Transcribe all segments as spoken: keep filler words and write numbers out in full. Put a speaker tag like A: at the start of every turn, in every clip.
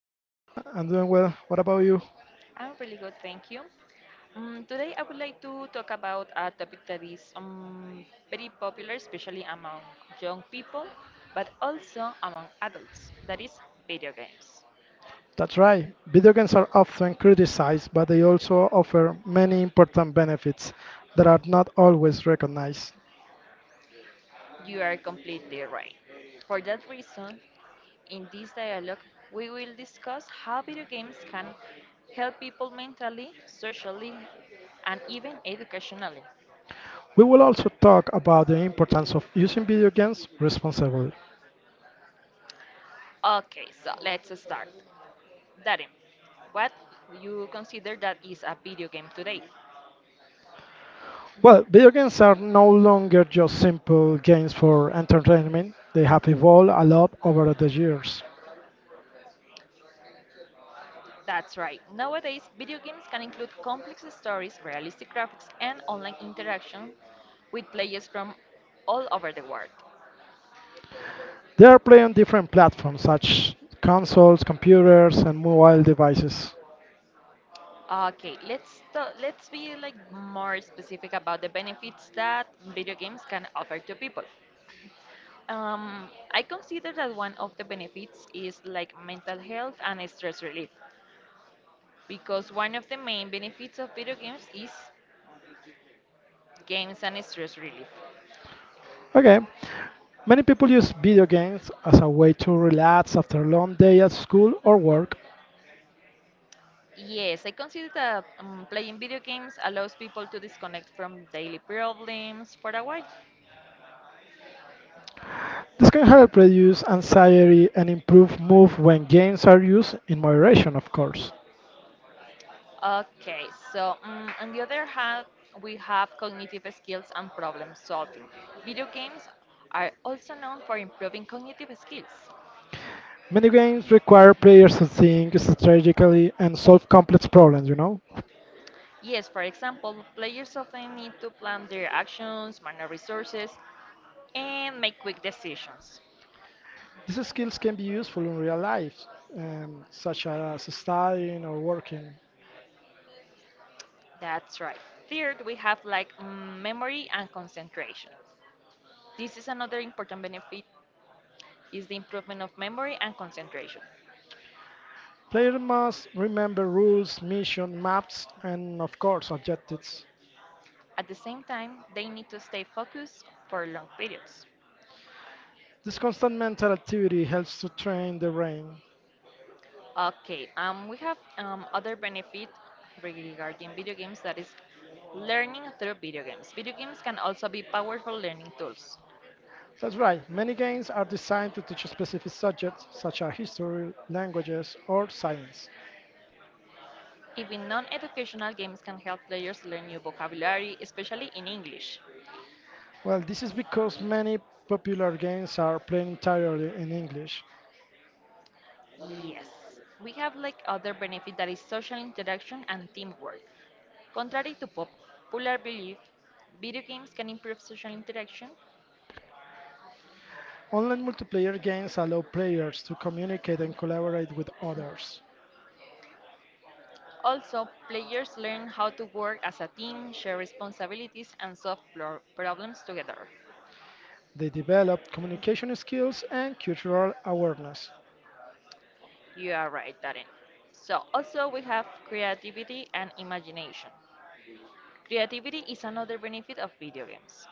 A: Hi, Steph. I'm doing well. What about you?
B: I'm really good, thank you. Um, today I would like to talk about a topic that is um, very popular, especially among young people, but also among adults, that is video games.
A: That's right. Video games are often criticized, but they also offer many important benefits that are not always recognized.
B: You are completely right. For that reason, in this dialogue, we will discuss how video games can help people mentally, socially, and even educationally.
A: We will also talk about the importance of using video games responsibly.
B: Okay, so let's start. Daddy, what do you consider that is a video game today?
A: Well, video games are no longer just simple games for entertainment. They have evolved a lot over the years.
B: That's right. Nowadays, video games can include complex stories, realistic graphics, and online interaction with players from all over the world.
A: They are played on different platforms such consoles, computers, and mobile devices.
B: Okay, let's ta- let's be like more specific about the benefits that video games can offer to people. Um, I consider that one of the benefits is like mental health and stress relief because one of the main benefits of video games is games and stress relief.
A: Okay, many people use video games as a way to relax after a long day at school or work.
B: Yes, I consider that um, playing video games allows people to disconnect from daily problems for a while.
A: This can help reduce anxiety and improve mood when games are used in moderation, of course.
B: Okay, so um, on the other hand, we have cognitive skills and problem solving. Video games are also known for improving cognitive skills.
A: Many games require players to think strategically and solve complex problems, you know?
B: Yes, for example, players often need to plan their actions, manage resources, and make quick decisions.
A: These skills can be useful in real life, um, such as studying or working.
B: That's right. Third, we have like mm, memory and concentration. This is another important benefit is the improvement of memory and concentration.
A: Players must remember rules, mission, maps, and of course objectives.
B: At the same time, they need to stay focused for long periods.
A: This constant mental activity helps to train the brain.
B: Okay, um, we have um, other benefit regarding video games that is learning through video games. Video games can also be powerful learning tools.
A: That's right. Many games are designed to teach specific subjects, such as history, languages, or science.
B: Even non-educational games can help players learn new vocabulary, especially in English.
A: Well, this is because many popular games are played entirely in English.
B: Yes. We have like other benefit that is social interaction and teamwork. Contrary to popular belief, video games can improve social interaction.
A: Online multiplayer games allow players to communicate and collaborate with others.
B: Also, players learn how to work as a team, share responsibilities, and solve pro- problems together.
A: They develop communication skills and cultural awareness.
B: You are right, Darren. So, also we have creativity and imagination. Creativity is another benefit of video games.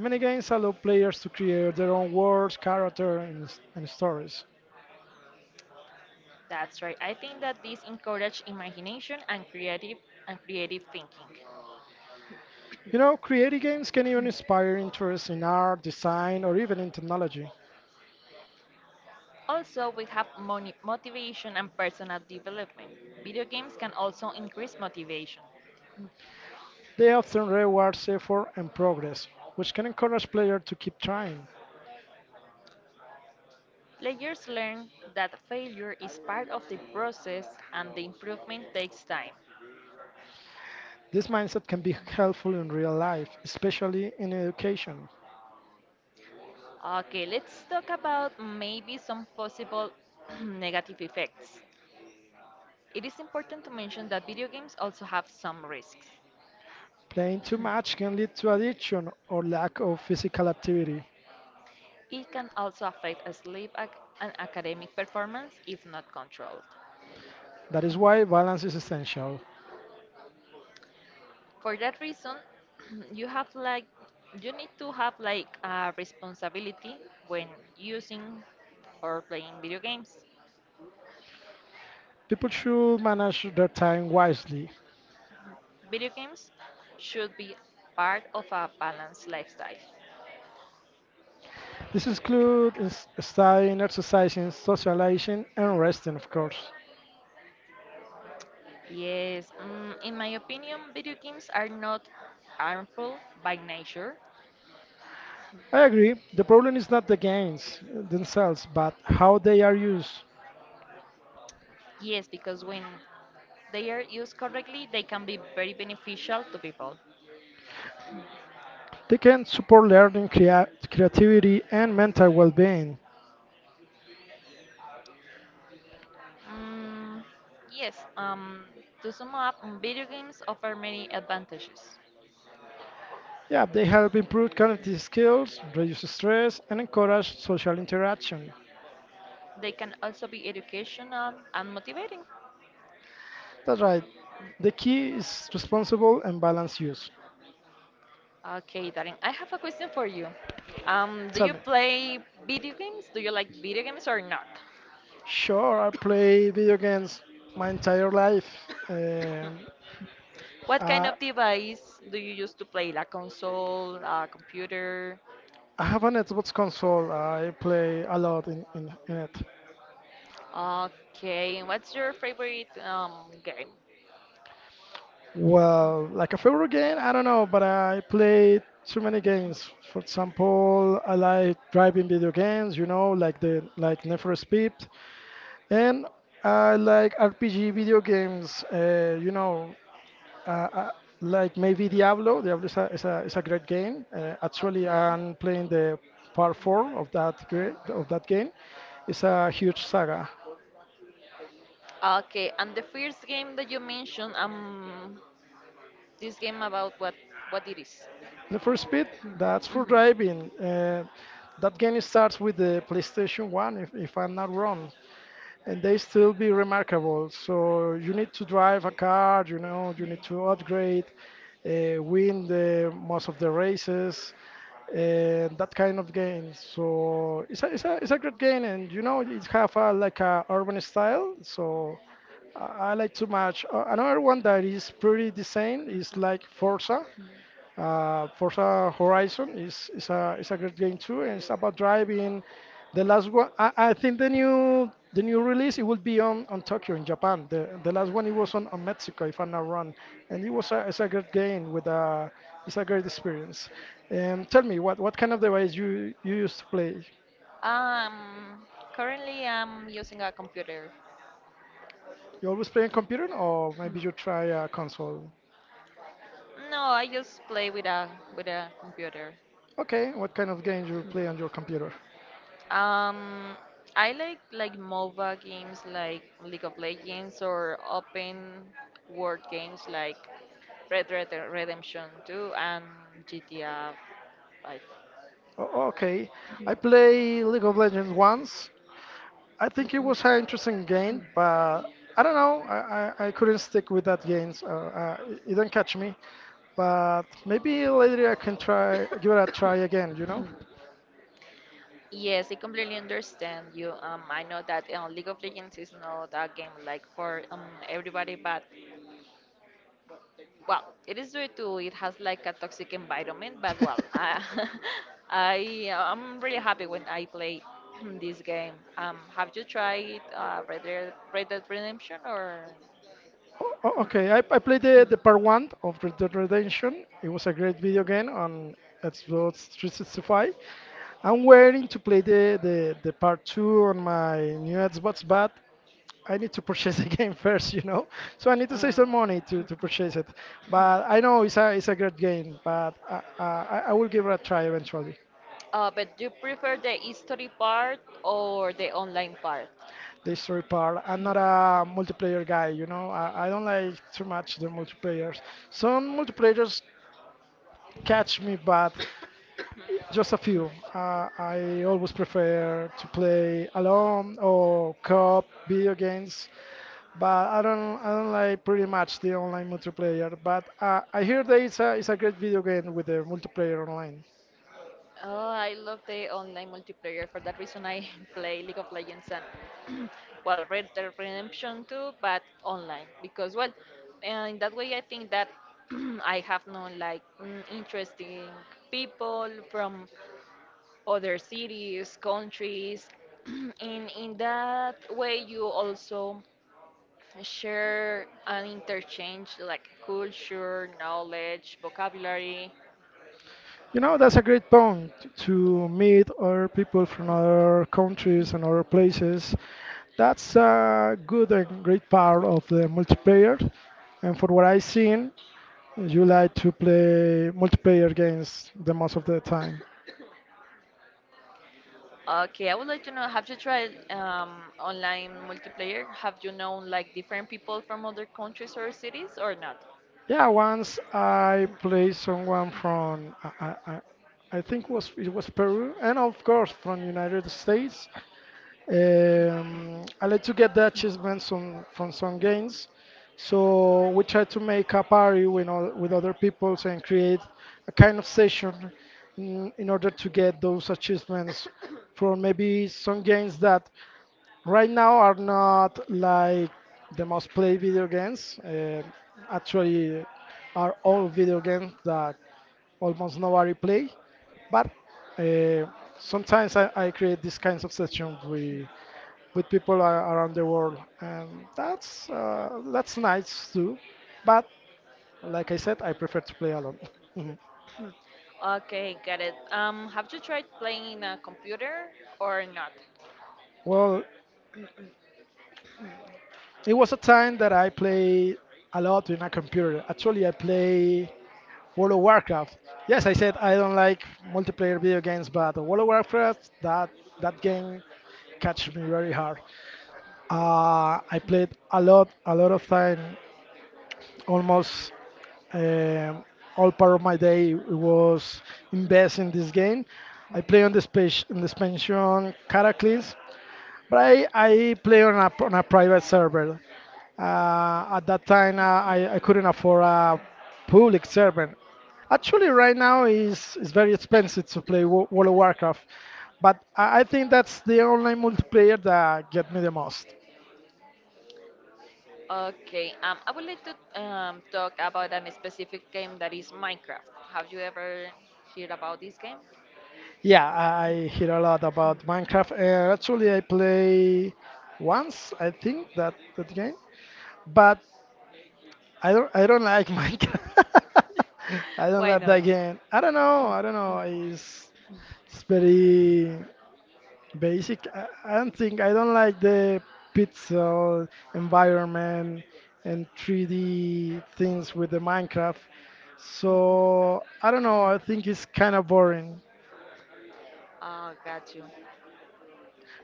A: Many games allow players to create their own worlds, characters, and, s- and stories.
B: That's right. I think that this encourages imagination and creative and creative thinking.
A: You know, creative games can even inspire interest in art, design, or even in technology.
B: Also, we have moni- motivation and personal development. Video games can also increase motivation.
A: They often reward effort and progress, which can encourage players to keep trying.
B: Players learn that failure is part of the process and the improvement takes time.
A: This mindset can be helpful in real life, especially in education.
B: Okay, let's talk about maybe some possible negative effects. It is important to mention that video games also have some risks.
A: Playing too much can lead to addiction or lack of physical activity.
B: It can also affect sleep ac- and academic performance if not controlled.
A: That is why balance is essential.
B: For that reason, you have like you need to have like a responsibility when using or playing video games.
A: People should manage their time wisely.
B: Video games should be part of a balanced lifestyle.
A: This includes is- studying, exercising, socializing, and resting, of course.
B: Yes, mm, in my opinion, video games are not harmful by nature.
A: I agree, the problem is not the games themselves, but how they are used.
B: Yes, because when they are used correctly, they can be very beneficial to people.
A: They can support learning, crea- creativity, and mental well being.
B: Mm, yes, um, to sum up, mm, video games offer many advantages.
A: Yeah, they help improve cognitive skills, reduce stress, and encourage social interaction.
B: They can also be educational and motivating.
A: That's right. The key is responsible and balanced use.
B: Okay, Darren, I have a question for you. Um, do
A: Tell
B: you
A: me.
B: play video games? Do you like video games or not?
A: Sure, I play video games my entire life. Um,
B: What kind
A: I,
B: of device do you use to play? Like console, a computer?
A: I have an Xbox console. I play a lot in, in, in it.
B: Okay, and what's your favorite um, game?
A: Well, like a favorite game, I don't know, but I played too many games. For example, I like driving video games, you know, like the like Need for Speed, and I like R P G video games. Uh, you know, uh, uh, like maybe Diablo. Diablo is a is a, is a great game. Uh, actually,
B: Okay.
A: I'm playing the part four of that great of that game. It's a huge saga.
B: Okay, and the first game that you mentioned, um, this game about what what it is?
A: The first Speed, that's for
B: Mm-hmm.
A: driving. Uh, that game starts with the PlayStation one, if, if I'm not wrong, and they still be remarkable. So you need to drive a car, you know, you need to upgrade, uh, win the most of the races, and that kind of game. So it's a, it's a, it's a great game, and you know, it have a, like a urban style. So I I like too much. Uh, another one that is pretty the same is like Forza. Uh, Forza Horizon is, is a is a great game too, and it's about driving. The last one, I, I think the new the new release it will be on, on Tokyo in Japan. The the last one it was on, on Mexico if I'm not wrong, and it was a it's a great game with a it's a great experience. Um, tell me what what kind of device you you used to play?
B: Um, Currently I'm using a computer.
A: You always play on computer, or maybe you try a console?
B: No, I just play with a with a computer.
A: Okay, what kind of games you play on your computer?
B: Um, I like like MOBA games like League of Legends or open world games like Red Red Dead Redemption two and G T A five.
A: O- Okay, I play League of Legends once. I think it was an interesting game, but I don't know. I, I, I couldn't stick with that game. So, uh, it it didn't catch me. But maybe later I can try, give it a try again, you know?
B: Yes, I completely understand you. Um, I know that uh, League of Legends is not a game like for um everybody, but well, it is due to it has like a toxic environment, but well, uh, I I'm really happy when I play this game. Um, have you tried uh, Red Dead, Red Dead Redemption or?
A: O- o- Okay, I, I played the, the, part one of Red Dead Redemption. It was a great video game on Xbox three sixty-five. I'm waiting to play the, the, the part two on my new Xbox, but I need to purchase the game first, you know. So I need to save
B: Uh,
A: some money to, to purchase it. But I know it's a it's a great game, but I, I, I will give it a try eventually.
B: uh, but do you prefer the history part or the online part?
A: The story part. I'm not a multiplayer guy, you know. I, I don't like too much the multiplayers. Some multiplayers catch me, but just a few. Uh, I always prefer to play alone or co-op video games but I don't I don't like pretty much the online multiplayer. But uh, I hear that it's a it's a great video game with the multiplayer online.
B: Oh, I love the online multiplayer. For that reason, I play League of Legends and well, Red Dead Redemption too, but online because well, uh, in that way, I think that I have known like mm, interesting people from other cities, countries, and in that way, you also share and interchange like culture, knowledge, vocabulary,
A: You know that's a great point to meet other people from other countries and other places. That's a good and great part of the multiplayer. And for what I've seen, you like to play multiplayer games the most of the time.
B: okay, I would like to know, have you tried um, online multiplayer? Have you known like different people from other countries or cities or not?
A: Yeah, once I played someone from I, I, I I think was it was Peru, and of course from United States. Um, I like to get the achievements on, from some games, so we try to make a party with all, with other people and create a kind of session in, in order to get those achievements from maybe some games that right now are not like the most played video games. Uh, actually, are all video games that almost nobody play. But uh, sometimes I, I create these kinds of sessions with with people a- around the world, and that's uh, that's nice too. But like I said, I prefer to play alone. Mhm.
B: Okay, got it. Um, have you tried playing in a computer or not?
A: Well, it was a time that I played a lot in a computer. Actually, I play World of Warcraft. Yes, I said I don't like multiplayer video games, but World of Warcraft that that game catch me very hard. Uh, I played a lot, a lot of time, almost um, all part of my day was invested in this game. I play on the space, in the expansion Cataclysm, but I, I play on a, on a private server. Uh, at that time, uh, I, I couldn't afford a public server. Actually, right now is is very expensive to play Wo- World of Warcraft, but I I think that's the online multiplayer that get me the most.
B: Okay, um, I would like to um, talk about a specific game that is Minecraft. Have you ever heard about this game?
A: Yeah, I I hear a lot about Minecraft, and actually I play once I think that that game, but I don't I don't like Minecraft. I don't
B: Why
A: like
B: not?
A: that game. I don't know. I don't know. It's It's very basic. I, I don't think I don't like the pixel environment and three D things with the Minecraft. So I don't know. I think it's kind of boring.
B: Oh, got you.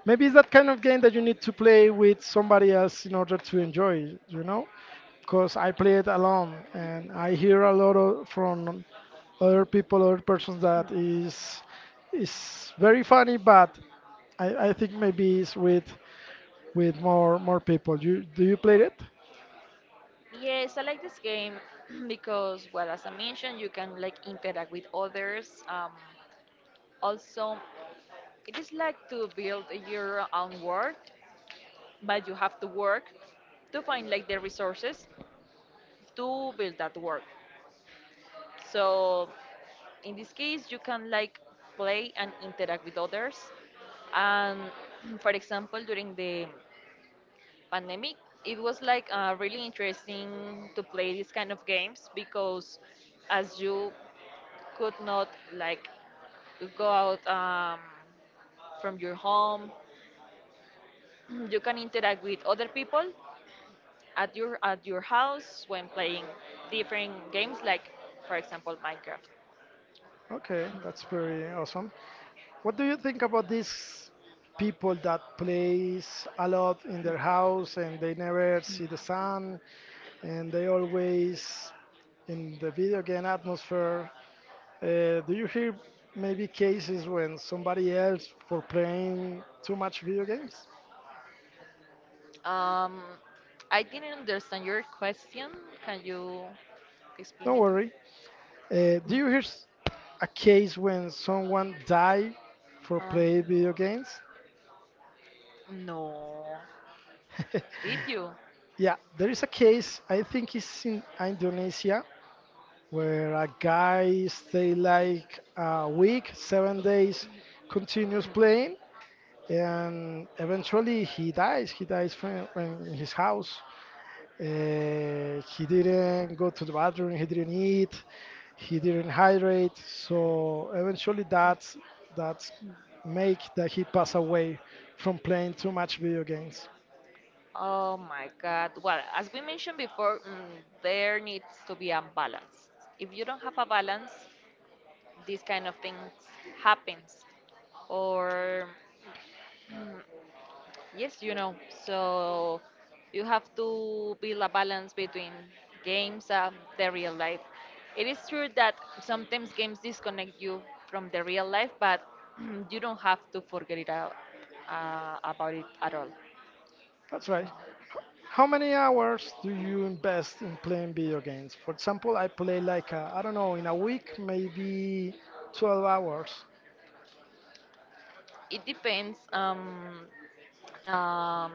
A: Maybe it's that kind of game that you need to play with somebody else in order to enjoy it, you know? Because I play it alone and I hear a lot of, from other people, other persons that is is very funny, but I, I think maybe it's with with more more people. You do you play it?
B: Yes, I like this game because, well, as I mentioned, you can like interact with others. Um, also, it is like to build your own world, but you have to work to find like the resources to build that world. So in this case, you can like play and interact with others. And for example, during the pandemic, it was like uh, really interesting to play these kind of games because as you could not like go out um, from your home, you can interact with other people at your at your house when playing different games like for example Minecraft.
A: Okay, that's very awesome. What do you think about these people that plays a lot in their house and they never see the sun and they always in the video game atmosphere? Uh, do you hear maybe cases when somebody else for playing too much video games?
B: Um, I didn't understand your question. Can you explain
A: Don't
B: it to me?
A: worry. Uh, do
B: Mm,
A: you hear s- a case when someone died for
B: Um,
A: playing video games?
B: no. Did you?
A: Yeah, there is a case, I think it's in Indonesia, where a guy stayed like a week, seven days, continues playing, and eventually he dies. He dies from, from his house. Uh, he didn't go to the bathroom, he didn't eat, he didn't hydrate. So eventually that's, that's make that he pass away from playing too much video games.
B: Oh my God. Well, as we mentioned before, mm, there needs to be a balance. If you don't have a balance, this kind of things happens. Or yes, you know, so you have to build a balance between games and the real life. It is true that sometimes games disconnect you from the real life, but you don't have to forget it out, uh, about it at all.
A: That's right. How many hours do you invest in playing video games? For example, I play like, I I don't know, in a week, maybe twelve hours.
B: It depends. Um, um,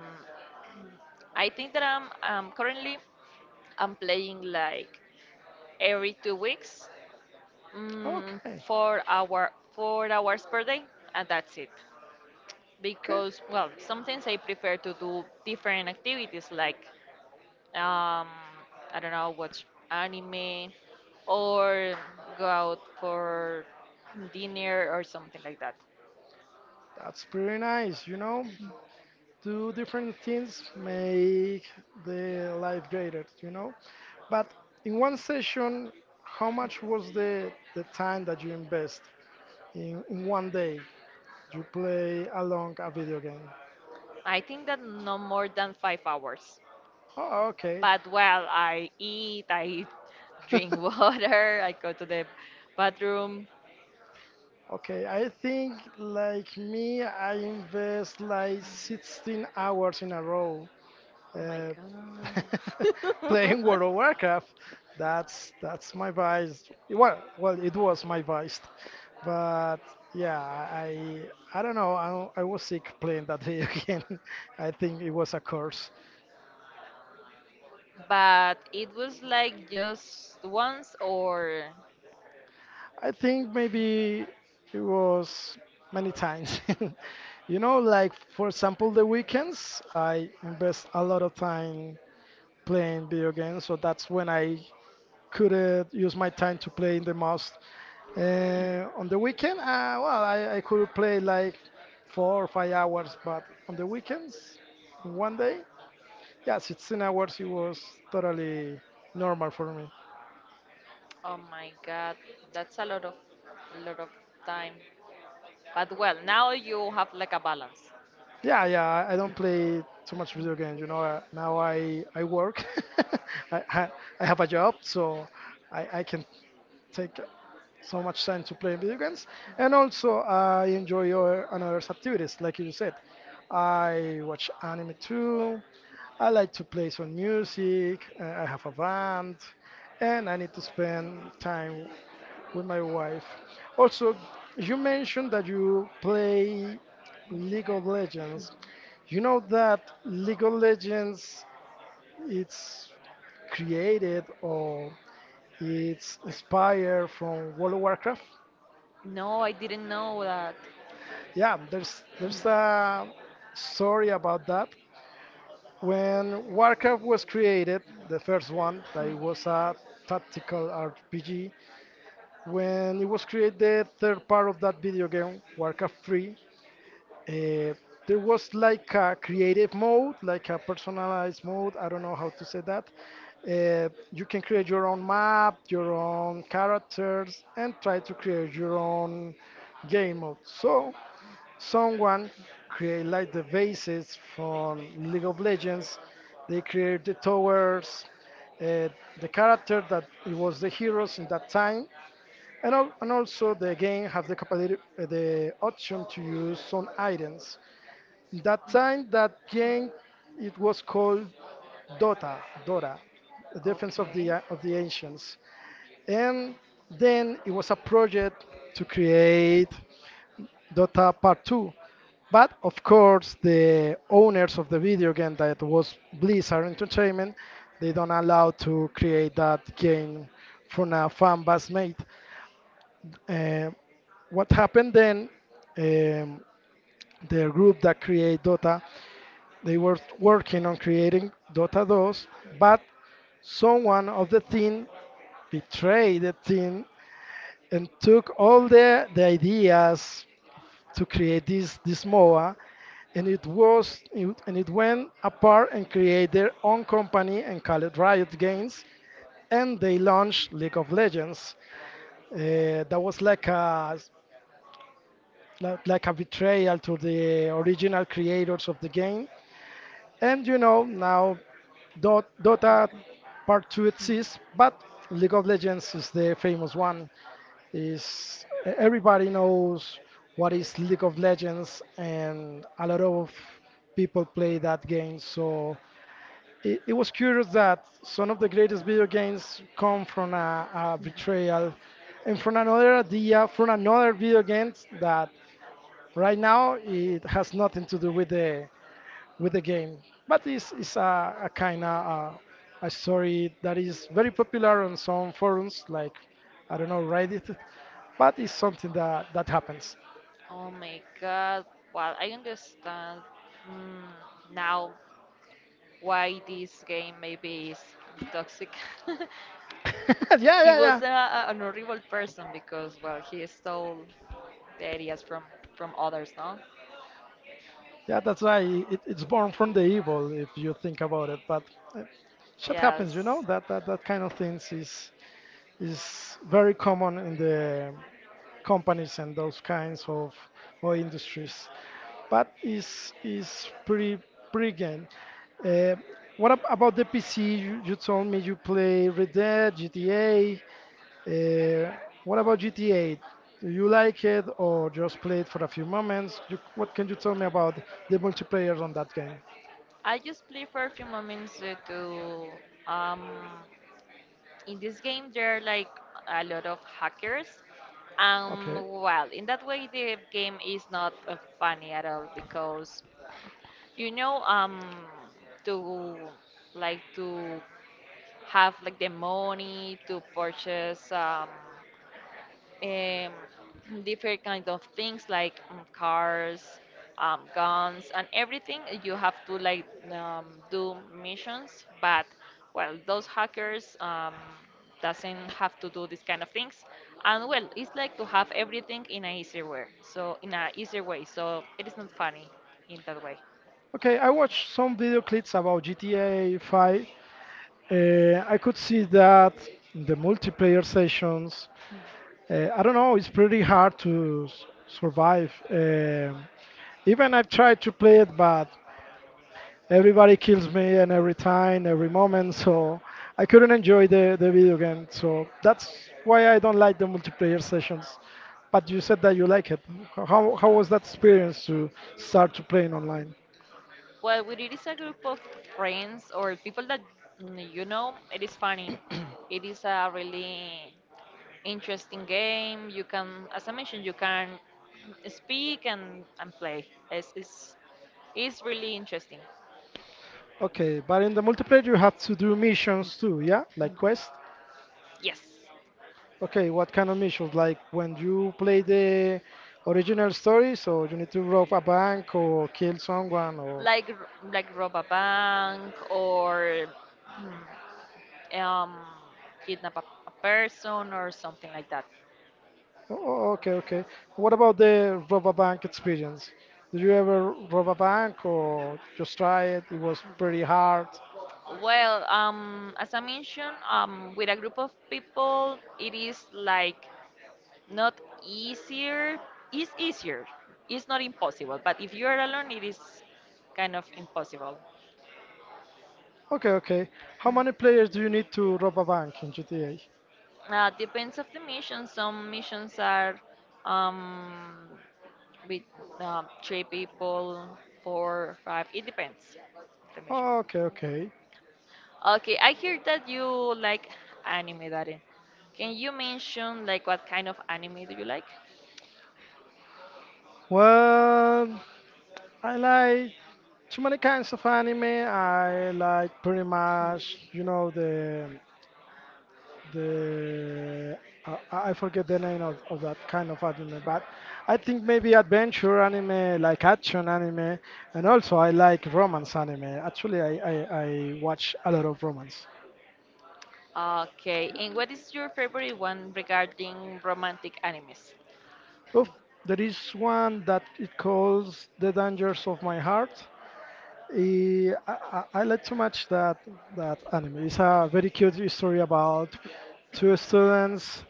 B: I think that I'm um, currently I'm playing like every two weeks, mm,
A: Okay,
B: four hour four hours per day, and that's it.
A: okay.
B: Because well sometimes I prefer to do different activities like um, I don't know, watch anime or go out for dinner or something like that.
A: That's pretty nice, you know? Do different things make the life greater, you know, but in one session, how much was the the time that you invest in, in one day you play along a video game?
B: I think that no more than five hours.
A: Oh, okay.
B: But well, I eat, I drink water, I go to the bathroom.
A: Okay, I think like me, I invest like sixteen hours in a row.
B: Oh my
A: uh,
B: God.
A: Playing World of Warcraft. That's that's my vice. Well, well, it was my vice, but yeah, I I don't know. I, I was sick playing that video game. I think it was a curse.
B: But it was like just once or
A: I think maybe it was many times. You know, like for example, the weekends I invest a lot of time playing video games, so that's when I could uh, use my time to play in the most. Uh, on the weekend, uh, well, I, I could play like four or five hours, but on the weekends, in one day, yeah, sixteen hours, it was totally normal for me.
B: oh my God, that's a lot of lot of time. But well, now you have like a balance.
A: Yeah, yeah, I, I don't play too much video games, you know. Uh, now I, I work, I, I, I have a job, so I, I can take so much time to play video games. And also, I enjoy your another activities, like you said. I watch anime too. I like to play some music. uh, I have a band, and I need to spend time with my wife. Also, you mentioned that you play League of Legends. You know that League of Legends it's created or it's inspired from World of Warcraft.
B: No, I didn't know that.
A: Yeah, there's there's a story about that. When Warcraft was created, the first one, that it was a tactical R P G. When it was created, third part of that video game, Warcraft three, uh, there was like a creative mode, like a personalized mode. I don't know how to say that. Uh, you can create your own map, your own characters, and try to create your own game mode. So someone create like the bases from League of Legends. They create the towers, uh, the character that it was the heroes in that time, and, al- and also the game have the capability, uh, the option to use some items. That time, that game it was called Dota, Dota, the Defense of the
B: Okay.
A: uh, of the Ancients, and then it was a project to create Dota Part two, but of course, the owners of the video game that was Blizzard Entertainment, they don't allow to create that game from a fan base made. Uh, what happened then? Um, the group that created Dota, they were working on creating Dota two, but someone of the team betrayed the team and took all the, the ideas to create this this M O A, and it was it- and it went apart and created their own company and called it Riot Games, and they launched League of Legends. Uh, that was like a like like a betrayal to the original creators of the game, and you know now Dot, Dota Part two exists, but League of Legends is the famous one. Is e-, everybody knows what is League of Legends, and a lot of people play that game. So it, it was curious that some of the greatest video games come from a, a betrayal, and from another idea, from another video game that right now it has nothing to do with the with the game. But this is a, a kind of uh, a story that is very popular on some forums, like I don't know, Reddit, but it's something that that happens.
B: Oh my God. Well, I understand mm, now why this game maybe is toxic.
A: Yeah,
B: He
A: yeah, yeah,
B: was a, a- an horrible person because, well, he stole the ideas from, from others, no?
A: yeah. That's why it, it's born from the evil if you think about it. But uh, shit happens, you know.
B: Yes.
A: That that that kind of things is is very common in the companies and those kinds of, of industries. But it's, it's pretty pretty game. Uh, what ab- about the P C? You, you told me you play Red Dead, G T A. Uh, what about G T A? Do you like it or just play it for a few moments? You, what can you tell me about the multiplayer on that game?
B: I just play for a few moments uh, to um, in this game there are like a lot of hackers, and
A: Okay.
B: well, in that way the game is not uh, funny at all. Because you know, um to like to have like the money to purchase um um, different kind of things like um, cars, um, guns, and everything. You have to like um, do missions, but well, those hackers um, doesn't have to do this kind of things, and well, it's like to have everything in a easier way. So in a easier way, so it is not funny in that way.
A: Okay, I watched some video clips about G T A five. Uh, I could see that in the multiplayer sessions. Uh, I don't know, it's pretty hard to s- survive. Um even I've tried to play it, but everybody kills me and every time, every moment, so I couldn't enjoy the, the video game. So that's why I don't like the multiplayer sessions. But you said that you like it. H- How, how was that experience to start to playing online?
B: Well, when it is a group of friends or people that mm, you know, it is funny. It is a really interesting game. You can, as I mentioned, you can speak and, and play. It's, it's, it's really interesting.
A: Okay, but in the multiplayer you have to do missions too, yeah? Like quest?
B: Yes,
A: Okay, what kind of missions? Like when you play the original story, so you need to rob a bank or kill someone or.
B: like r- like rob a bank or hmm, um, kidnap a, a person or something like that.
A: Oh, oh, okay, okay. What about the rob a bank experience? Did you ever rob a bank or just try it? It was pretty hard.
B: Well, um, as I mentioned, um, with a group of people, it is like not easier. It's easier, it's not impossible, but if you are alone it is kind of impossible.
A: Okay, okay. How many players do you need to rob a bank in G T A?
B: Uh, depends of the mission. Some missions are um, with uh, three people, four, five. It depends of the mission.
A: Okay, okay.
B: Okay, I hear that you like anime, Darin. Can you mention like what kind of anime do you like?
A: Well, I like too many kinds of anime. I like pretty much, you know, the the uh, I I forget the name of, of that kind of anime, but I think maybe adventure anime, like action anime, and also I like romance anime. Actually, I I, I watch a lot of romance.
B: Okay, and what is your favorite one regarding romantic animes?
A: Oof, there is one that it calls The Dangers of My Heart. Eh, I, I, I like to match that that anime. It's a very cute story about two students.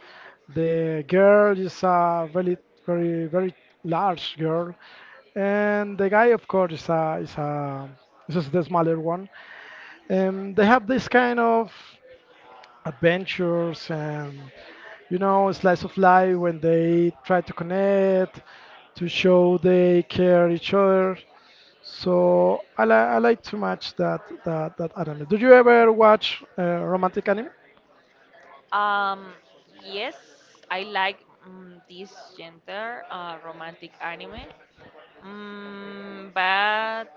A: The girl is a really very very large girl, and the guy, of course, is a is a is just the smaller one. Um, they have this kind of adventures and you know slice of life when they try to connect, to show they care each other. So I, li- I like too much that that that anime. Did you ever watch uh, romantic anime?
B: Um, yes, I like mm this gender uh, romantic anime, mm, but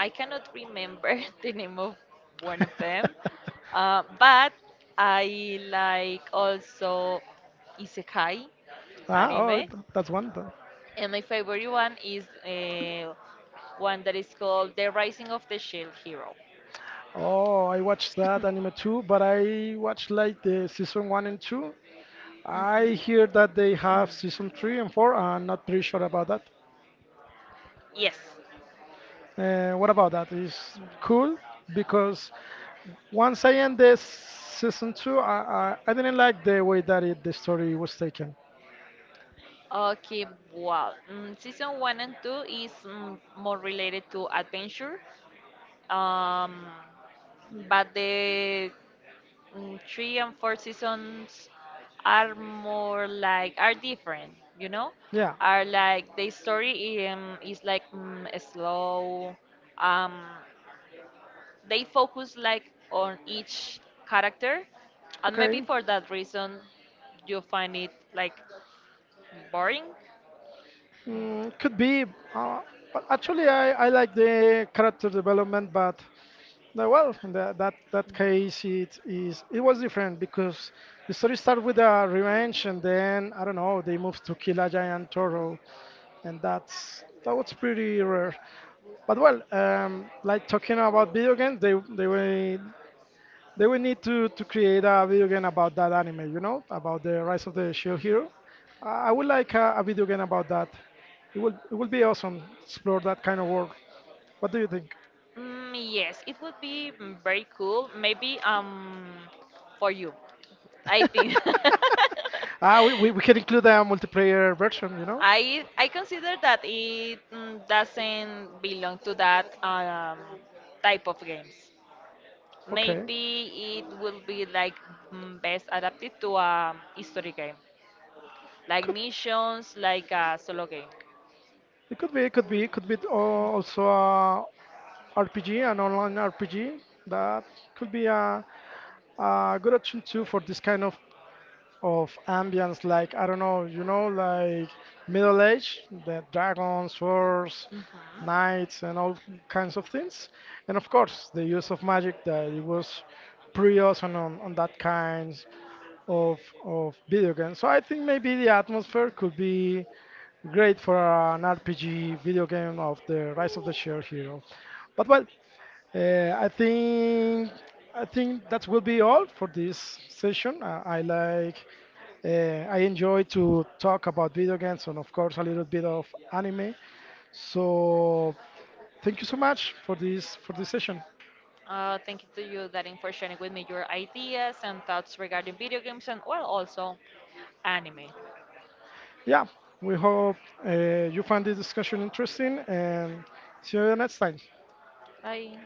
B: I cannot remember the name of one of them. Uh, but I like also isekai
A: ah, oh,
B: anime,
A: th- That's one. th-
B: and my favorite one is uh, one that is called The Rising of the Shield Hero.
A: Oh, I watched that anime too, but I watched like the season one and two. I
B: Hmm.
A: hear that they have season three and four. I'm not pretty sure about that.
B: Yes.
A: Uh, what about that? It's cool because once I end this season two, I, I, I didn't like the way that it, the story was taken.
B: Okay, well, mm, season one and two is mm, more related to adventure, um, but the mm, three and four seasons are more like are different. You know,
A: Yeah.
B: are like the story um, is like mm, slow. Um, they focus like on each character, and maybe
A: Okay.
B: for that reason, you find it like boring.
A: Mm, could be. Uh, but actually, I, I like the character development, but no, well, in that that that case, it is it was different because the story started with a revenge, and then I don't know, they moved to kill a giant turtle, and that's that was pretty rare. But well, um, like talking about video games, they they will they will need to to create a video game about that anime, you know, about the Rise of the Shield Hero. I I would like a, a video game about that. It will it will be awesome to explore that kind of world. What do you think?
B: Mm, yes, it would be mm, very cool. Maybe um for you, I think.
A: Ah, we, we, we can include a multiplayer version, you know?
B: I I consider that it mm, doesn't belong to that um, type of games.
A: Okay.
B: Maybe it will be like mm, best adapted to a history game, like
A: Could
B: missions, like a solo game.
A: it could be it could be It could be al- also a R P G, an online R P G. That could be a a good option too for this kind of of ambience like I don't know, you know, like Middle Age, the dragons, swords,
B: Mhm.
A: knights, and all kinds of things, and of course the use of magic that it was pretty awesome on, on that kind of of video game. So I think maybe the atmosphere could be great for an R P G video game of the Rise of the Shared Hero. But well, uh, I think I think that will be all for this session. Uh, I like uh, I enjoy to talk about video games and of course a little bit of anime. So thank you so much for this for this session.
B: Uh, thank you to you, Darin, for sharing with me your ideas and thoughts regarding video games and, well, also anime.
A: Yeah, we hope uh, you find this discussion interesting and see you next time.
B: Bye.